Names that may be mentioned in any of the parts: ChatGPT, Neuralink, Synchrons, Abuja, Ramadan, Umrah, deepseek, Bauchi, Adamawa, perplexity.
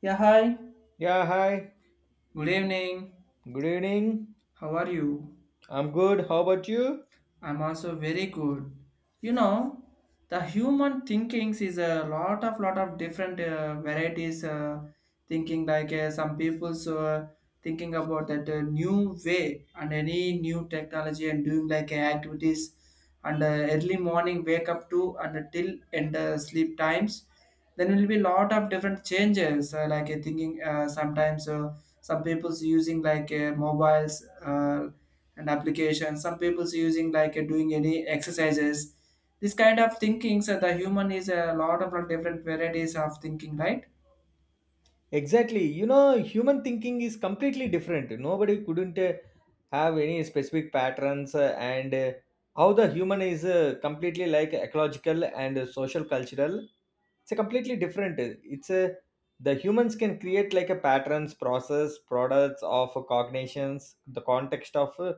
Yeah, hi. Yeah, hi. Good evening. Good evening. How are you? I'm good. How about you? I'm also very good. You know, the human thinkings is a lot of different varieties, thinking. Like some people's thinking about that new way, and any new technology, and doing like activities, and early morning wake up to and till and sleep times. Then will be lot of different changes. Like thinking, sometimes some people's using like mobiles. And applications, some people's using like doing any exercises, this kind of thinkings, the human is a lot of different varieties of thinking, right? Exactly. You know, human thinking is completely different. Nobody couldn't have any specific patterns and how the human is completely like ecological and social cultural. It's a completely different. It's a the humans can create like a patterns, process, products of cognitions, the context of uh,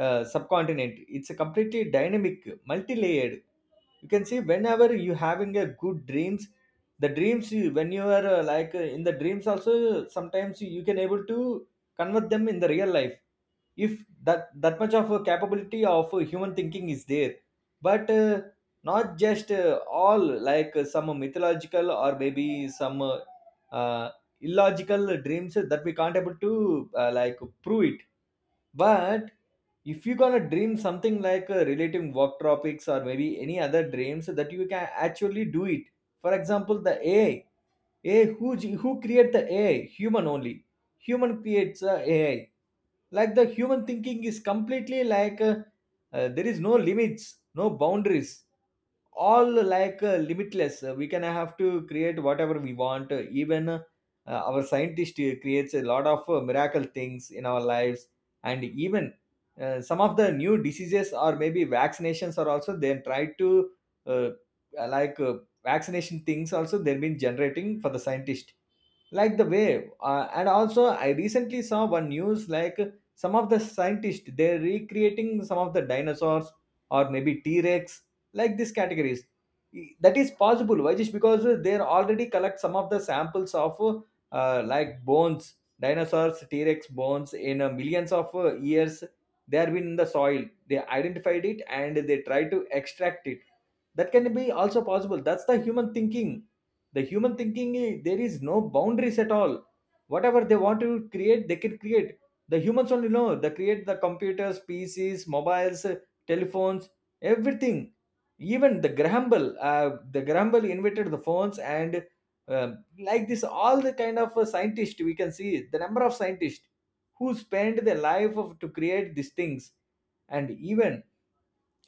uh, subcontinent. It's a completely dynamic, multi-layered. You can see whenever you having a good dreams, the dreams you when you are in the dreams also sometimes you can able to convert them in the real life if that much of a capability of human thinking is there, but not just all like some mythological or maybe some uh, illogical dreams that we can't able to like prove it, but if you're gonna dream something like relating work topics or maybe any other dreams that you can actually do it. For example, the AI. AI who create the AI? Human only. Human creates AI. Like the human thinking is completely like there is no limits, no boundaries, all like limitless. We can have to create whatever we want. Even our scientist creates a lot of miracle things in our lives, and even some of the new diseases or maybe vaccinations are also then try to uh, like uh, vaccination things also they've been generating for the scientist like the wave and also I recently saw one news like some of the scientists they're recreating some of the dinosaurs or maybe t-rex, like these categories. E, that is possible why, just because they're already collect some of the samples of like bones dinosaurs t-rex bones in millions of years they have been in the soil, they identified it and they try to extract it. That can be also possible. That's the human thinking. The human thinking there is no boundaries at all. Whatever they want to create, they can create. The humans only know they create the computers, pcs, mobiles, telephones, everything. Even the graham bell, the graham bell invented the phones, and um, like this all the kind of scientists, we can see the number of scientists who spend their life of to create these things. And even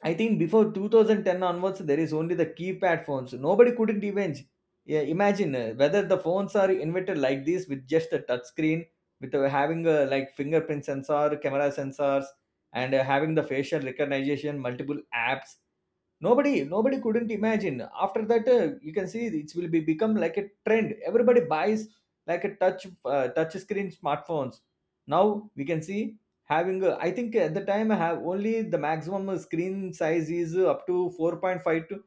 I think before 2010 onwards, there is only the keypad phones. Nobody couldn't even, yeah, imagine whether the phones are invented like this with just a touch screen, with having a like fingerprint sensor, camera sensors, and having the facial recognition, multiple apps. Nobody couldn't imagine. After that, you can see it will be become like a trend. Everybody buys like a touch screen smartphones. Now we can see having. A, I think at the time I have only the maximum screen size is up to 4.5 to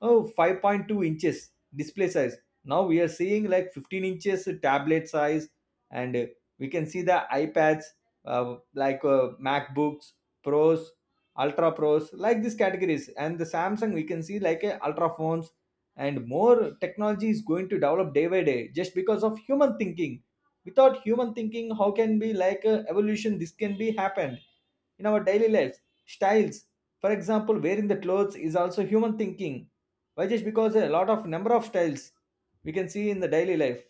Oh, 5.2 inches display size, now we are seeing like 15 inches tablet size, and we can see the ipads, like macbooks pros, ultra pros, like these categories, and the samsung, we can see like a ultra phones. And more technology is going to develop day by day just because of human thinking. Without human thinking, how can be like evolution this can be happened in our daily lives, styles. For example, wearing the clothes is also human thinking, why, just because a lot of number of styles we can see in the daily life.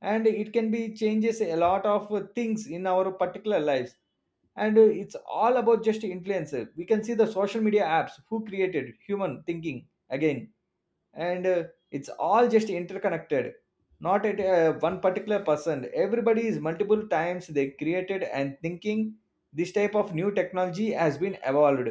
And it can be changes a lot of things in our particular lives. And it's all about just influencer, we can see the social media apps who created human thinking again. And it's all just interconnected, not at one particular person. Everybody is multiple times they created and thinking this type of new technology has been evolved.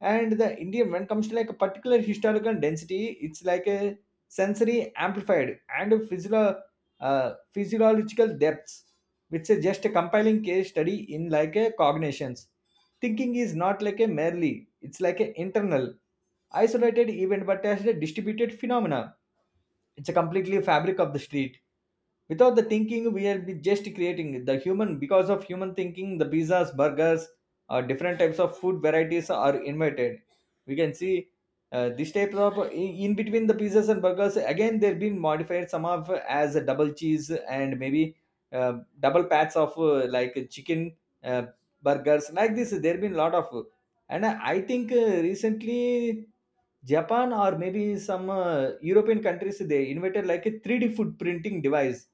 And the Indian, when it comes to like a particular historical density, it's like a sensory amplified and a physiological depths, which is just a compiling case study in like a cognitions. Thinking is not like a merely, it's like an internal, isolated event, but as a distributed phenomena. It's a completely fabric of the street. Without the thinking we are just creating the human because of human thinking the pizzas, burgers, different types of food varieties are invented. We can see this type of in between the pizzas and burgers again they've been modified some of as a double cheese, and maybe uh, double pats of like chicken, uh, burgers, like this there have been a lot of. And I think recently Japan or maybe some European countries, they invented like a 3D food printing device.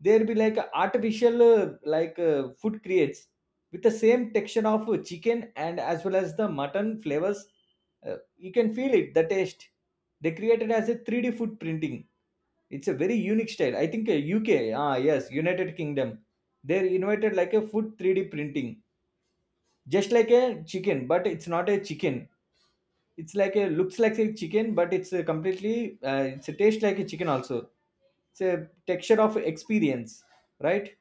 There be like a artificial food creates with the same texture of chicken and as well as the mutton flavors. You can feel it, the taste. They created as a 3D food printing. It's a very unique style. I think UK, ah yes, United Kingdom, they invented like a food 3D printing, just like a chicken, but it's not a chicken, it's like a looks like a chicken, but it's a completely it's a taste like a chicken also. It's a texture of experience, right?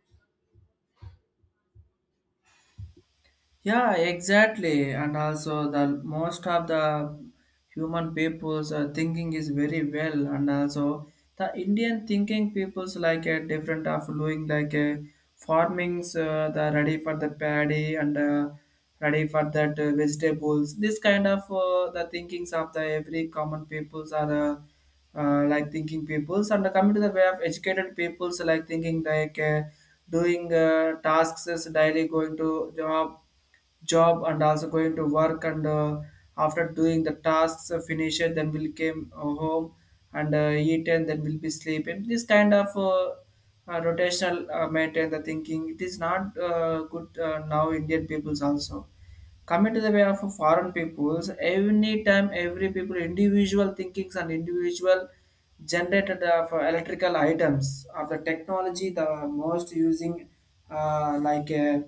Yeah, exactly. And also, the most of the human people's thinking is very well. And also, the Indian thinking people's like a different of doing like a farmings, the ready for the paddy and ready for that vegetables. This kind of the thinkings of the every common peoples are. Like thinking peoples, and coming to the way of educated peoples like thinking, like doing tasks is daily going to job and also going to work, and after doing the tasks, finish it, then we'll came home and eat and then we'll be sleeping. This kind of rotational, maintain the thinking, it is not good. Now Indian peoples also coming to the way of foreign peoples, any time every people individual thinkings and individual generated of electrical items of the technology, the most using uh, like uh,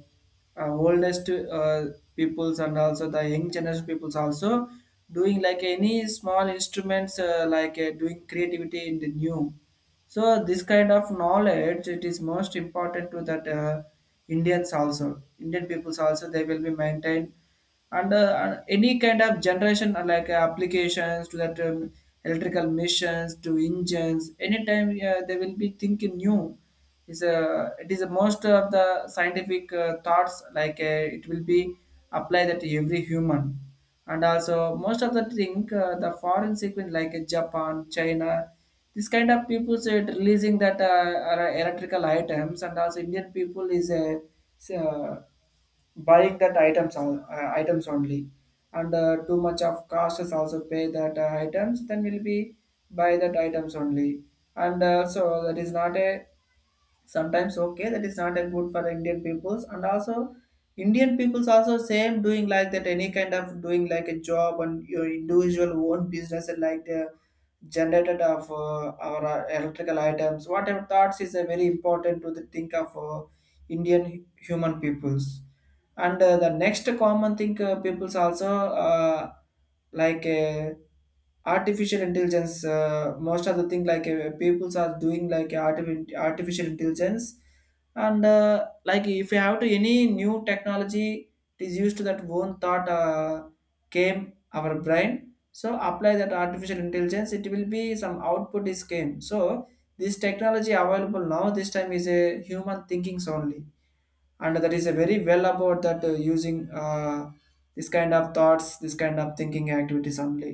oldest peoples and also the young generation peoples also doing like any small instruments, doing creativity in the new. So this kind of knowledge, it is most important to that Indians also. Indian peoples also they will be maintained, and any kind of generation, applications to that, electrical missions to engines, anytime they will be thinking new. Is a It is a most of the scientific thoughts, like it will be applied that to every human. And also most of the thing, the foreign sequence like Japan, China, this kind of people said releasing that are electrical items, and also Indian people is s- uh, buying that items only, and too much of cost is also pay that items. Then will be buy that items only, and so that is not a, sometimes okay, that is not a good for Indian peoples. And also Indian peoples also same doing like that, any kind of doing like a job and your individual own business, and like the generated of our electrical items, whatever thoughts is a very important to the think of Indian human peoples. And the next common thing, people's also, like uh, artificial intelligence, most of the thing, like people's are doing like artificial intelligence. And like if you have to any new technology, it is used to that one thought, came our brain, so apply that artificial intelligence, it will be some output is came. So this technology available now this time is a human thinkings only, and that is a very well about that using this kind of thoughts, this kind of thinking activities only.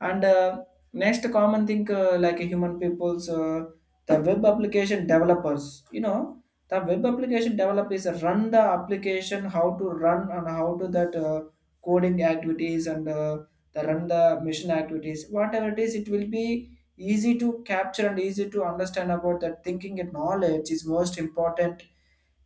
And next common thing, like human people's, the web application developers. You know the web application developers run the application, how to run, and how to that coding activities, and the run the mission activities. Whatever it is, it will be easy to capture and easy to understand about that thinking, and knowledge is most important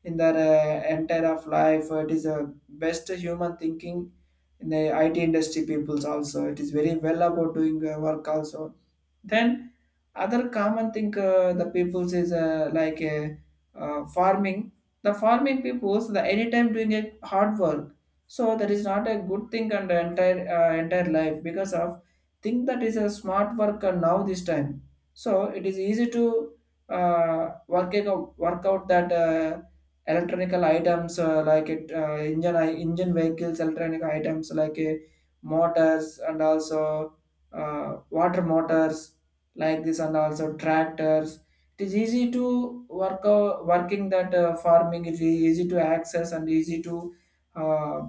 in their entire of life. It is a best human thinking in the IT industry peoples also. It is very well about doing work also. Then other common thing, the peoples is farming. The farming peoples the anytime doing a hard work. So that is not a good thing and the entire entire life, because of think that is a smart worker now this time. So it is easy to work out that electronical items, like it engine vehicles, electronic items like motors and also water motors like this, and also tractors, it is easy to work, working that farming, it is easy to access and easy to uh,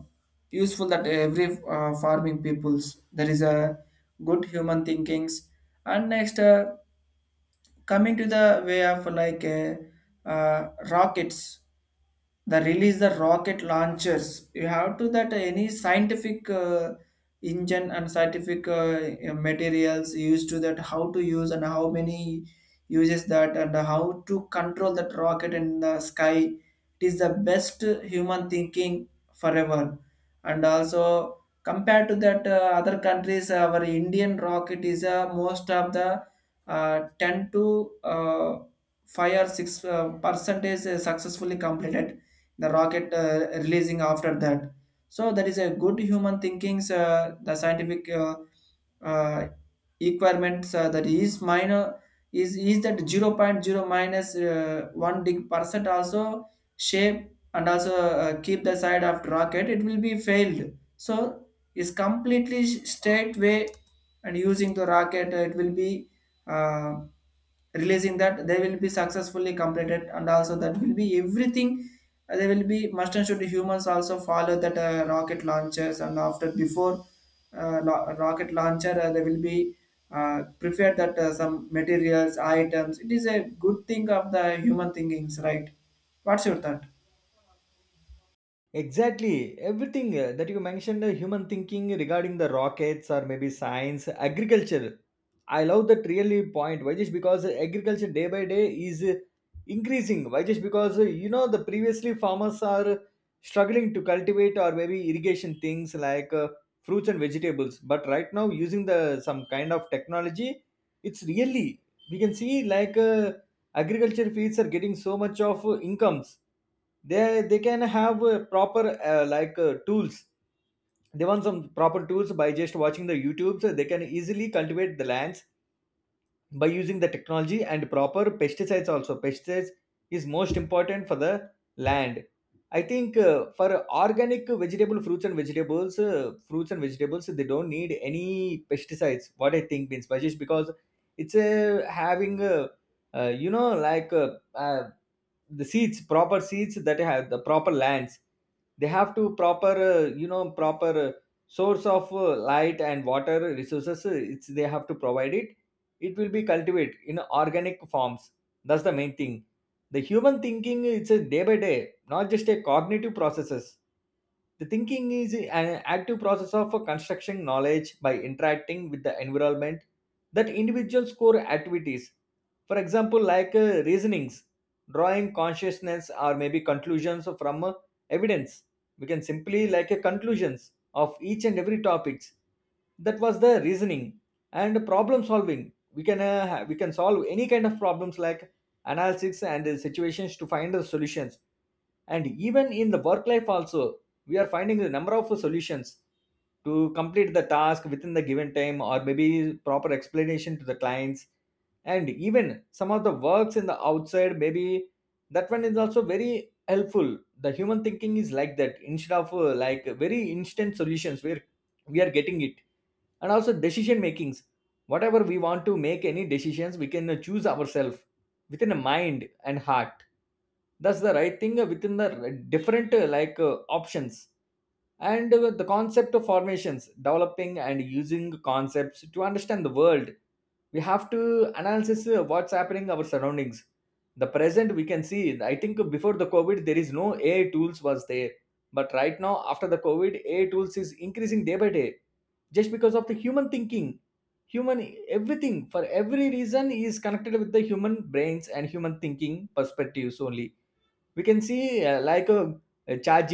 useful that every farming peoples, there is a good human thinkings. And next, coming to the way of like rockets, the release the rocket launchers, you have to that any scientific engine and scientific materials used to that, how to use and how many uses that, and how to control that rocket in the sky, it is the best human thinking forever. And also, compared to that other countries, our Indian rocket is most of the 10 to 5 or 6 percentage is successfully completed the rocket, releasing after that. So that is a good human thinkings, the scientific uh, requirements, that is minor is that 0.0 minus minus 1 dig percent also shape, and also keep the side of rocket, it will be failed. So is completely straight way, and using the rocket, it will be uh, releasing that, they will be successfully completed, and also that will be everything, there will be must and should humans also follow that rocket launchers, and after, before rocket launcher, they will be prepared that some materials items. It is a good thing of the human thinkings, right? What's your thought? Exactly. Everything that you mentioned, human thinking regarding the rockets or maybe science, agriculture. I love that really point. Why, just because agriculture day by day is increasing. Why, just because you know the previously farmers are struggling to cultivate or maybe irrigation things like fruits and vegetables. But right now, using the some kind of technology, it's really we can see like. Agriculture fields are getting so much of incomes. They can have proper tools. They want some proper tools. By just watching the youtubes they can easily cultivate the lands by using the technology and proper pesticides. Also pesticides is most important for the land. I think for organic vegetable fruits and vegetables, fruits and vegetables they don't need any pesticides, what I think means, but because it's having you know like uh, the seeds, proper seeds that have the proper lands, they have to proper source of light and water resources, it's they have to provide it, it will be cultivated in organic forms. That's the main thing. The human thinking it's a day by day, not just a cognitive processes. The thinking is an active process of construction knowledge by interacting with the environment, that individuals core activities. For example, like reasonings, drawing consciousness or maybe conclusions from evidence. We can simply like a conclusions of each and every topics. That was the reasoning. And problem solving, we can we can solve any kind of problems, like analysis and situations to find the solutions. And even in the work life also we are finding a number of solutions to complete the task within the given time or maybe proper explanation to the clients. And even some of the works in the outside, maybe that one is also very helpful. The human thinking is like that, instead of like very instant solutions where we are getting it. And also decision makings, whatever we want to make any decisions we can choose ourselves within a mind and heart. That's the right thing, within the different options. And the concept of formations, developing and using concepts to understand the world. We have to analyze what's happening our surroundings, the present we can see. I think before the covid there is no ai tools was there, but right now after the covid ai tools is increasing day by day, just because of the human thinking. Human, everything for every reason is connected with the human brains and human thinking perspectives only. We can see like a chat,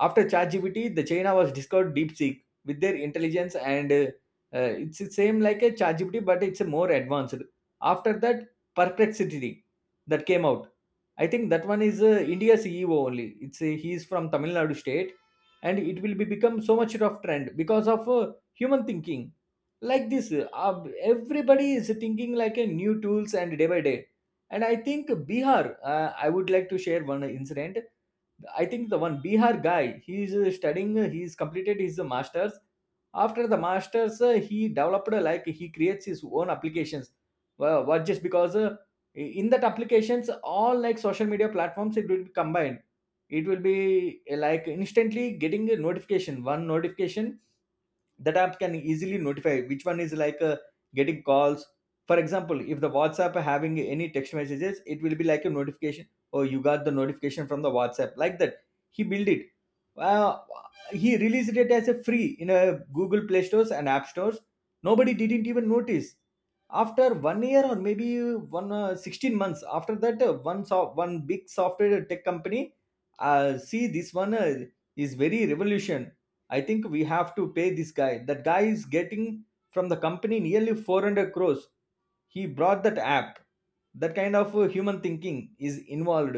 after ChatGPT, the china was discovered deepseek with their intelligence, and it's the same like a ChatGPT, but it's a more advanced. After that, perplexity that came out. I think that one is india's ceo only. It's he is from tamil nadu state, and it will be become so much of trend because of human thinking. Like this, uh, everybody is thinking like a new tools and day by day. And I think Bihar, I would like to share one incident. I think the one Bihar guy, he's studying, he's completed his master's. After the master's, he developed like he creates his own applications. Well, what just because in that applications, all like social media platforms, it will be combined. It will be like instantly getting a notification, one notification that app can easily notify which one is like getting calls. For example, if the WhatsApp having any text messages, it will be like a notification, oh you got the notification from the WhatsApp, like that. He built it. uh, he released it as a free in a Google Play Stores and App Stores. Nobody didn't even notice after one year, or maybe one 16 months after that, one big software tech company see this one is very revolution. I think we have to pay this guy. That guy is getting from the company nearly 400 crores. He brought that app. That kind of human thinking is involved,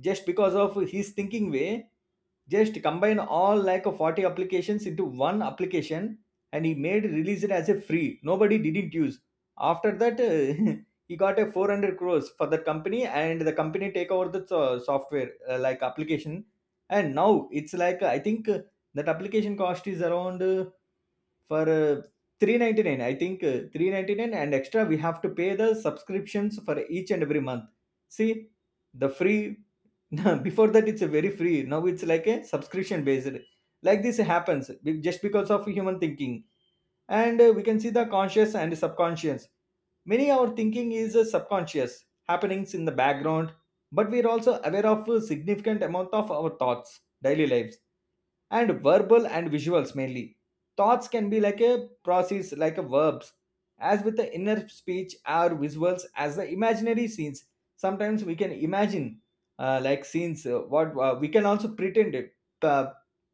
just because of his thinking way. Just combine all like 40 applications into one application, and he made release it as a free. Nobody didn't use. After that, he got a 400 crores for that company, and the company take over the software like application. And now it's like I think that application cost is around, for 399. I think 399, and extra we have to pay the subscriptions for each and every month. See, the free, before that it's a very free, now it's like a subscription based. Like this happens, just because of human thinking. And we can see the conscious and subconscious. Many our thinking is subconscious, happenings in the background, but we are also aware of a significant amount of our thoughts, daily lives, and verbal and visuals mainly. Thoughts can be like a process, like a verbs, as with the inner speech or visuals as the imaginary scenes. Sometimes we can imagine like scenes. What we can also pretend it, uh,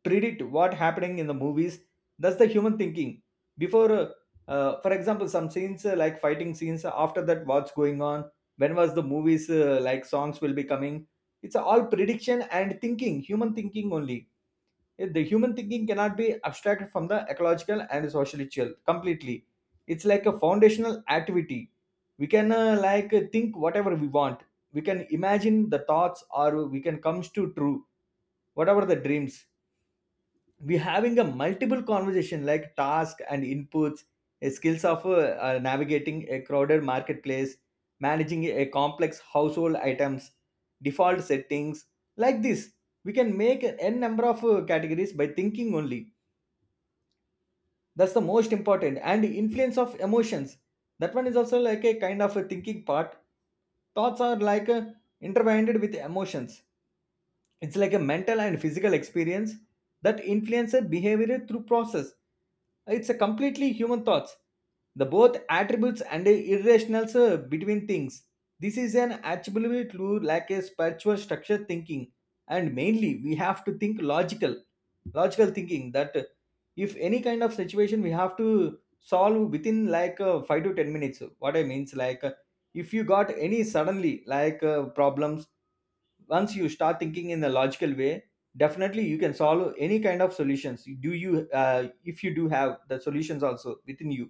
predict what happening in the movies. That's the human thinking. Before, for example, some scenes like fighting scenes. After that, what's going on? When was the movies like songs will be coming? It's all prediction and thinking, human thinking only. Yet the human thinking cannot be abstracted from the ecological and social chill completely. It's like a foundational activity. We can like think whatever we want. We can imagine the thoughts, or we can comes to true whatever the dreams. We having a multiple conversation like task and inputs, skills of navigating a crowded marketplace, managing a complex household items, default settings, like this. We can make an n number of categories by thinking only. That's the most important, and influence of emotions, that one is also like a kind of a thinking part. Thoughts are like intertwined with emotions. It's like a mental and physical experience that influences behavior through process. It's a completely human thoughts. The both attributes and irrationals between things. This is an attribute to like a spiritual structure thinking, and mainly we have to think logical, logical thinking that if any kind of situation we have to solve within like 5 to 10 minutes. What I means like if you got any suddenly like problems, once you start thinking in a logical way, definitely you can solve any kind of solutions. Do you If you do have the solutions also within you,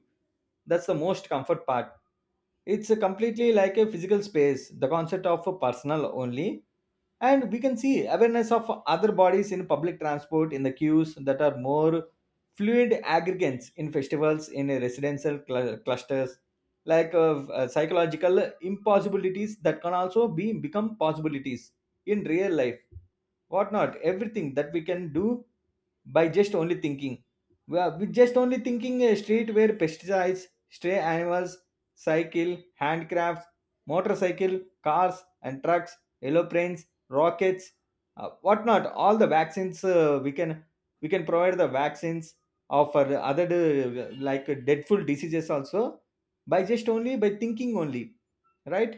that's the most comfort part. It's a completely like a physical space, the concept of a personal only. And we can see awareness of other bodies in public transport, in the queues that are more fluid aggregates, in festivals, in residential clusters. Like psychological impossibilities that can also be become possibilities in real life, whatnot everything that we can do by just only thinking. We are with just only thinking: a street where pesticides, stray animals, cycle, handcrafts, motorcycle, cars and trucks, aeroplanes, rockets, whatnot all the vaccines. We can provide the vaccines of for the other like deadful diseases also, by just only by thinking only, right?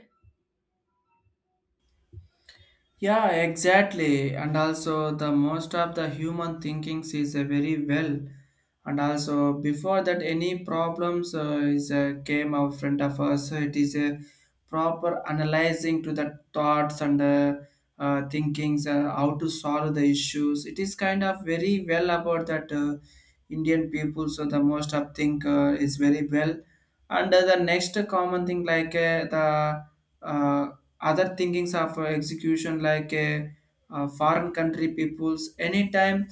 Yeah, exactly. And also, the most of the human thinking is a very well. And also, before that, any problems is came out front of us. So it is a proper analyzing to the thoughts and thinkings, how to solve the issues. It is kind of very well about that Indian people. So the most of think is very well. And the next common thing, like the uh, other thinkings of execution, like a, foreign country peoples, anytime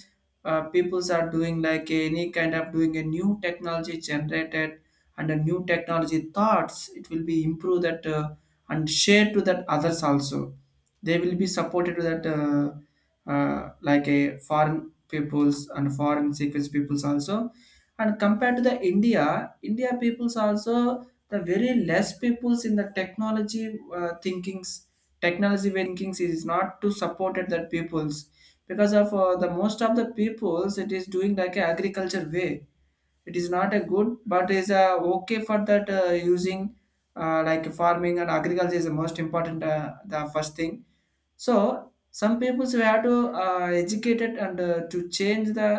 peoples are doing like any kind of doing a new technology generated, and a new technology thoughts, it will be improved that, and shared to that others also, they will be supported to that like a foreign peoples and foreign sequence peoples also. And compared to the India, India peoples also, the very less peoples in the technology thinkings, technology thinkings is not to support it that peoples, because of the most of the peoples, it is doing like a agriculture way, it is not a good, but is okay for that using like farming, and agriculture is the most important, the first thing. So some people we have to educate it, and to change the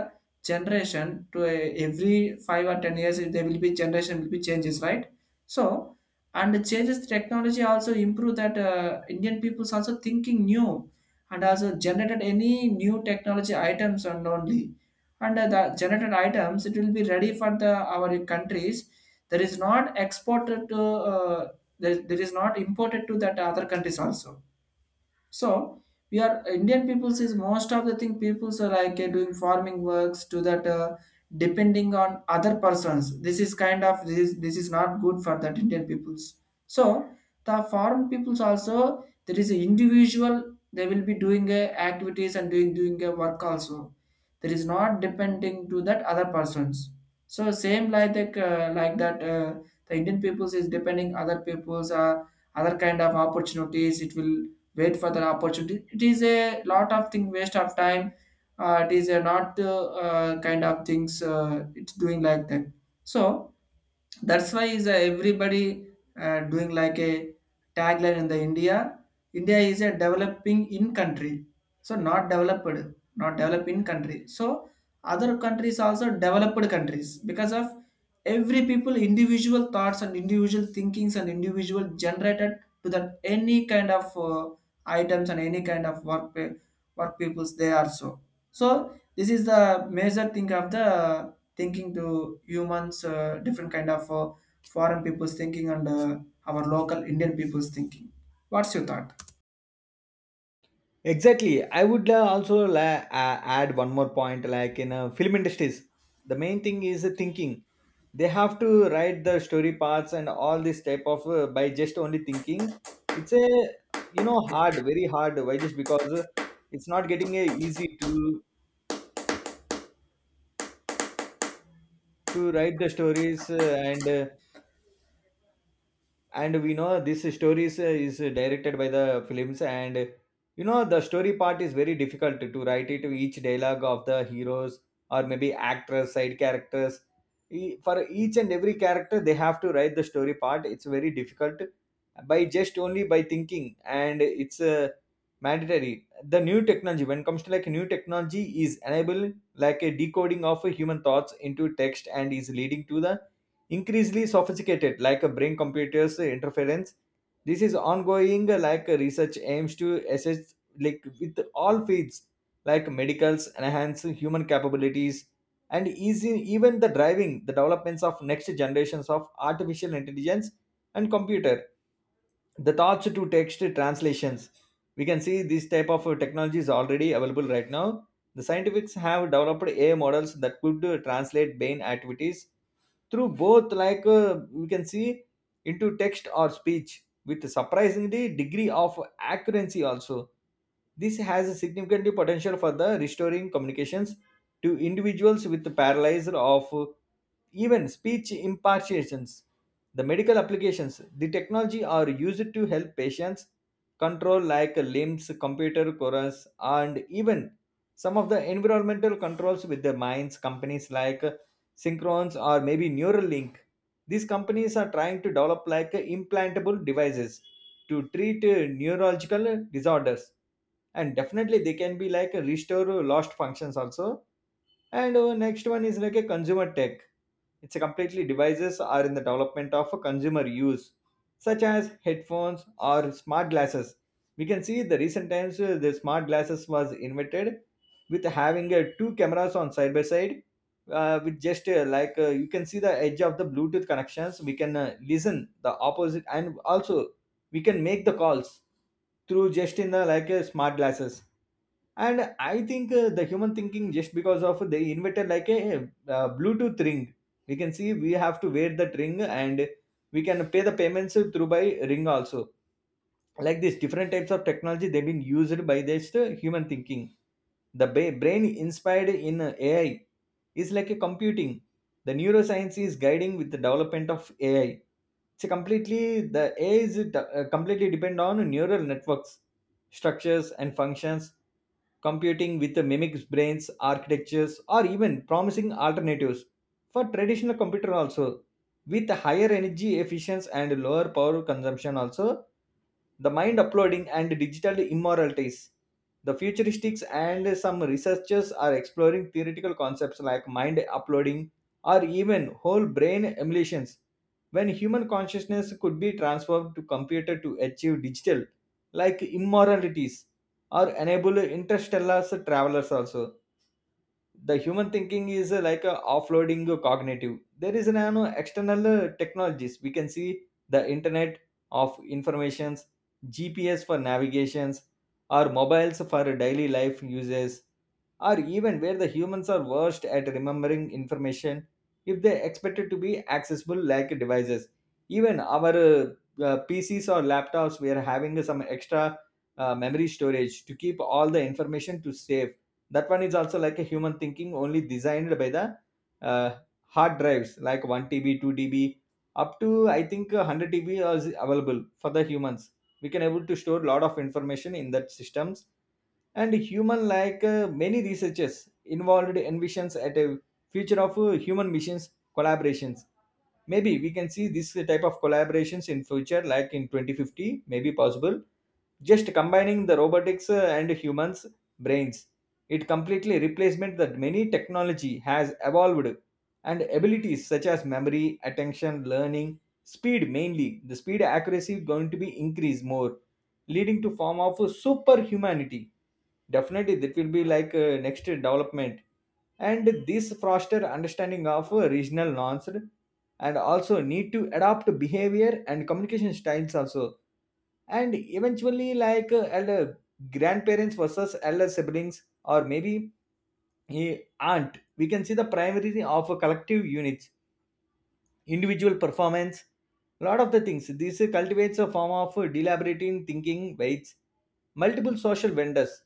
generation to a, every 5 or 10 years there will be generation will be changes, right. So, and changes technology also improve that Indian people's also thinking new, and also generated any new technology items and only. And the generated items, it will be ready for the our countries, there is not exported to there is not imported to that other countries also. So we are Indian peoples is most of the thing peoples are like doing farming works to that, depending on other persons. This is kind of this is not good for that Indian peoples. So the foreign peoples also, there is an individual they will be doing activities and doing a work also. There is not depending to that other persons. So same like that the Indian peoples is depending other peoples, other kind of opportunities, it will wait for the opportunity. It is a lot of thing waste of time. It is a not kind of things, it's doing like that. So that's why is everybody doing like a tagline in the India, India is a developing in country, so not developed, not developed in country. So other countries also developed countries, because of every people individual thoughts and individual thinkings and individual generated to that any kind of items and any kind of work, work peoples they are. So so this is the major thing of the thinking to humans, different kind of foreign people's thinking and our local Indian people's thinking. What's your thought? Exactly. I would also add one more point. Like in film industries, the main thing is the thinking. They have to write the story parts and all this type of by just only thinking. It's a hard, very hard. Why? Just because it's not getting easy to write the stories and we know this story is directed by the films, and you know the story part is very difficult to write it, each dialogue of the heroes, or maybe actors, side characters. For each and every character they have to write the story part, it's very difficult by just only by thinking, and it's mandatory. The new technology, when it comes to like new technology, is enable like a decoding of human thoughts into text, and is leading to the increasingly sophisticated like a brain computers interference. This is ongoing, like research aims to assess like with all fields, like medicals, enhance human capabilities and easy, even the driving the developments of next generations of artificial intelligence and computer. The thoughts to text translations, we can see this type of technology is already available right now. The scientifics have developed AI models that could translate brain activities through both, like we can see, into text or speech with surprisingly degree of accuracy also. This has a significant potential for the restoring communications to individuals with paralysis of, even speech impartations. The medical applications, the technology are used to help patients control like limbs, computer chorus, and even some of the environmental controls with their minds. Companies like Synchrons or maybe Neuralink. These companies are trying to develop like implantable devices to treat neurological disorders, and definitely they can be like restore lost functions also. And next one is like a consumer tech. It's a completely devices are in the development of a consumer use, such as headphones or smart glasses. We can see the recent times the smart glasses was invented with having two cameras on side by side, with just you can see the edge of the Bluetooth connections. We can listen the opposite, and also we can make the calls through just in the like smart glasses. And I think the human thinking, just because of they invented like a, bluetooth ring. We can see we have to wear that ring, and we can pay the payments through by ring also. Like this, different types of technology they've been used by this human thinking. The brain inspired in AI is like a computing. The neuroscience is guiding with the development of AI. So completely the AI is completely depend on neural networks structures and functions. Computing with the mimics brains architectures, or even promising alternatives for traditional computer also, with higher energy efficiency and lower power consumption also. The mind uploading and digital immoralities. The futuristics and some researchers are exploring theoretical concepts like mind uploading or even whole brain emulations, when human consciousness could be transformed to computer to achieve digital, like immoralities, or enable interstellar travelers also. The human thinking is like a offloading cognitive, there is an external technologies we can see: the internet of informations, GPS for navigations, or mobiles for daily life uses, or even where the humans are worst at remembering information if they expected to be accessible like devices. Even our PCs or laptops, we are having some extra memory storage to keep all the information to save. That one is also like a human thinking only, designed by the uh, hard drives like 1 TB 2 db up to, I think 100 TB is available for the humans. We can able to store lot of information in that systems. And human like many researchers involved envisions at a future of human machines collaborations. Maybe we can see this type of collaborations in future like in 2050 maybe possible, just combining the robotics and humans brains. It completely replacement that many technology has evolved, and abilities such as memory, attention, learning speed, mainly the speed, accuracy going to be increased more, leading to form of superhumanity. Definitely that will be like next development. And this foster understanding of regional norms, and also need to adopt behavior and communication styles also. And eventually like elder grandparents versus elder siblings, or maybe a aunt, we can see the primary of a collective units, individual performance. Lot of the things, this cultivates a form of deliberating thinking weights multiple social vendors.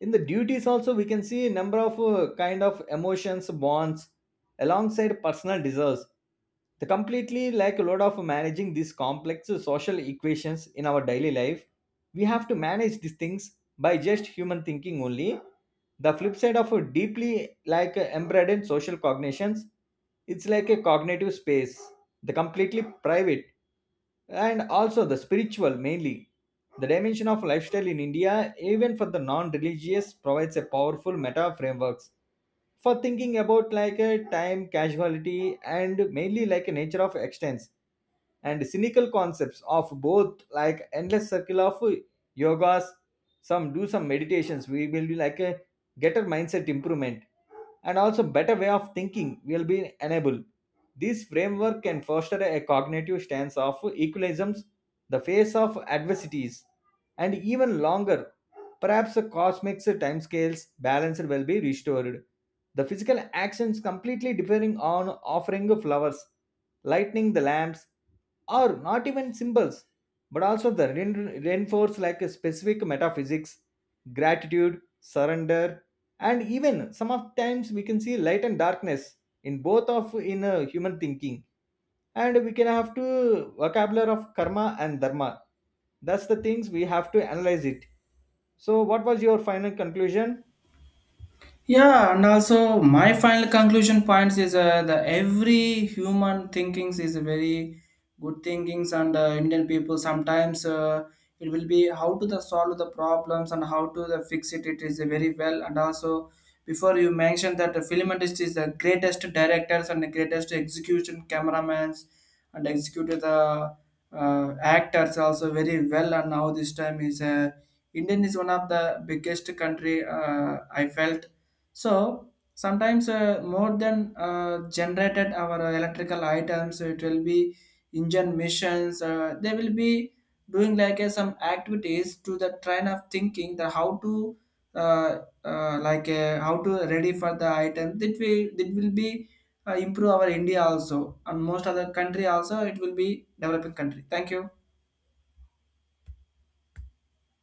In the duties also we can see a number of kind of emotions bonds alongside personal desires. The completely like load of managing these complex social equations in our daily life, we have to manage these things by just human thinking only. The flip side of a deeply like embedded social cognitions, it's like a cognitive space, the completely private, and also the spiritual mainly. The dimension of lifestyle in India, even for the non religious, provides a powerful meta frameworks for thinking about like a time casualty, and mainly like a nature of extents and cynical concepts of both like endless circle of yogas. Some do some meditations, we will be like a get a mindset improvement, and also better way of thinking will be enabled. This framework can foster a cognitive stance of equilibriums, the face of adversities, and even longer, perhaps the cosmic time scales balance will be restored. The physical actions completely differing on offering flowers, lighting the lamps, or not even symbols, but also the reinforce like a specific metaphysics, gratitude, surrender, and even some of times we can see light and darkness in both of in human thinking. And we can have to vocabulary of karma and dharma. That's the things we have to analyze it. So what was your final conclusion? Yeah, and also my final conclusion points is the every human thinkings is a very good thinkings. And Indian people sometimes, it will be how to the solve the problems and how to the fix it. It is a very well. And also before, you mentioned that the film industry is the greatest directors and the greatest execution cameramans, and executed the actors also very well. And now this time is Indian is one of the biggest country, I felt. So sometimes, more than generated our electrical items, it will be engine missions. They will be doing like some activities to the train of thinking the how to how to ready for the item that we, that will be improve our India also, and most other country also it will be developing country. Thank you.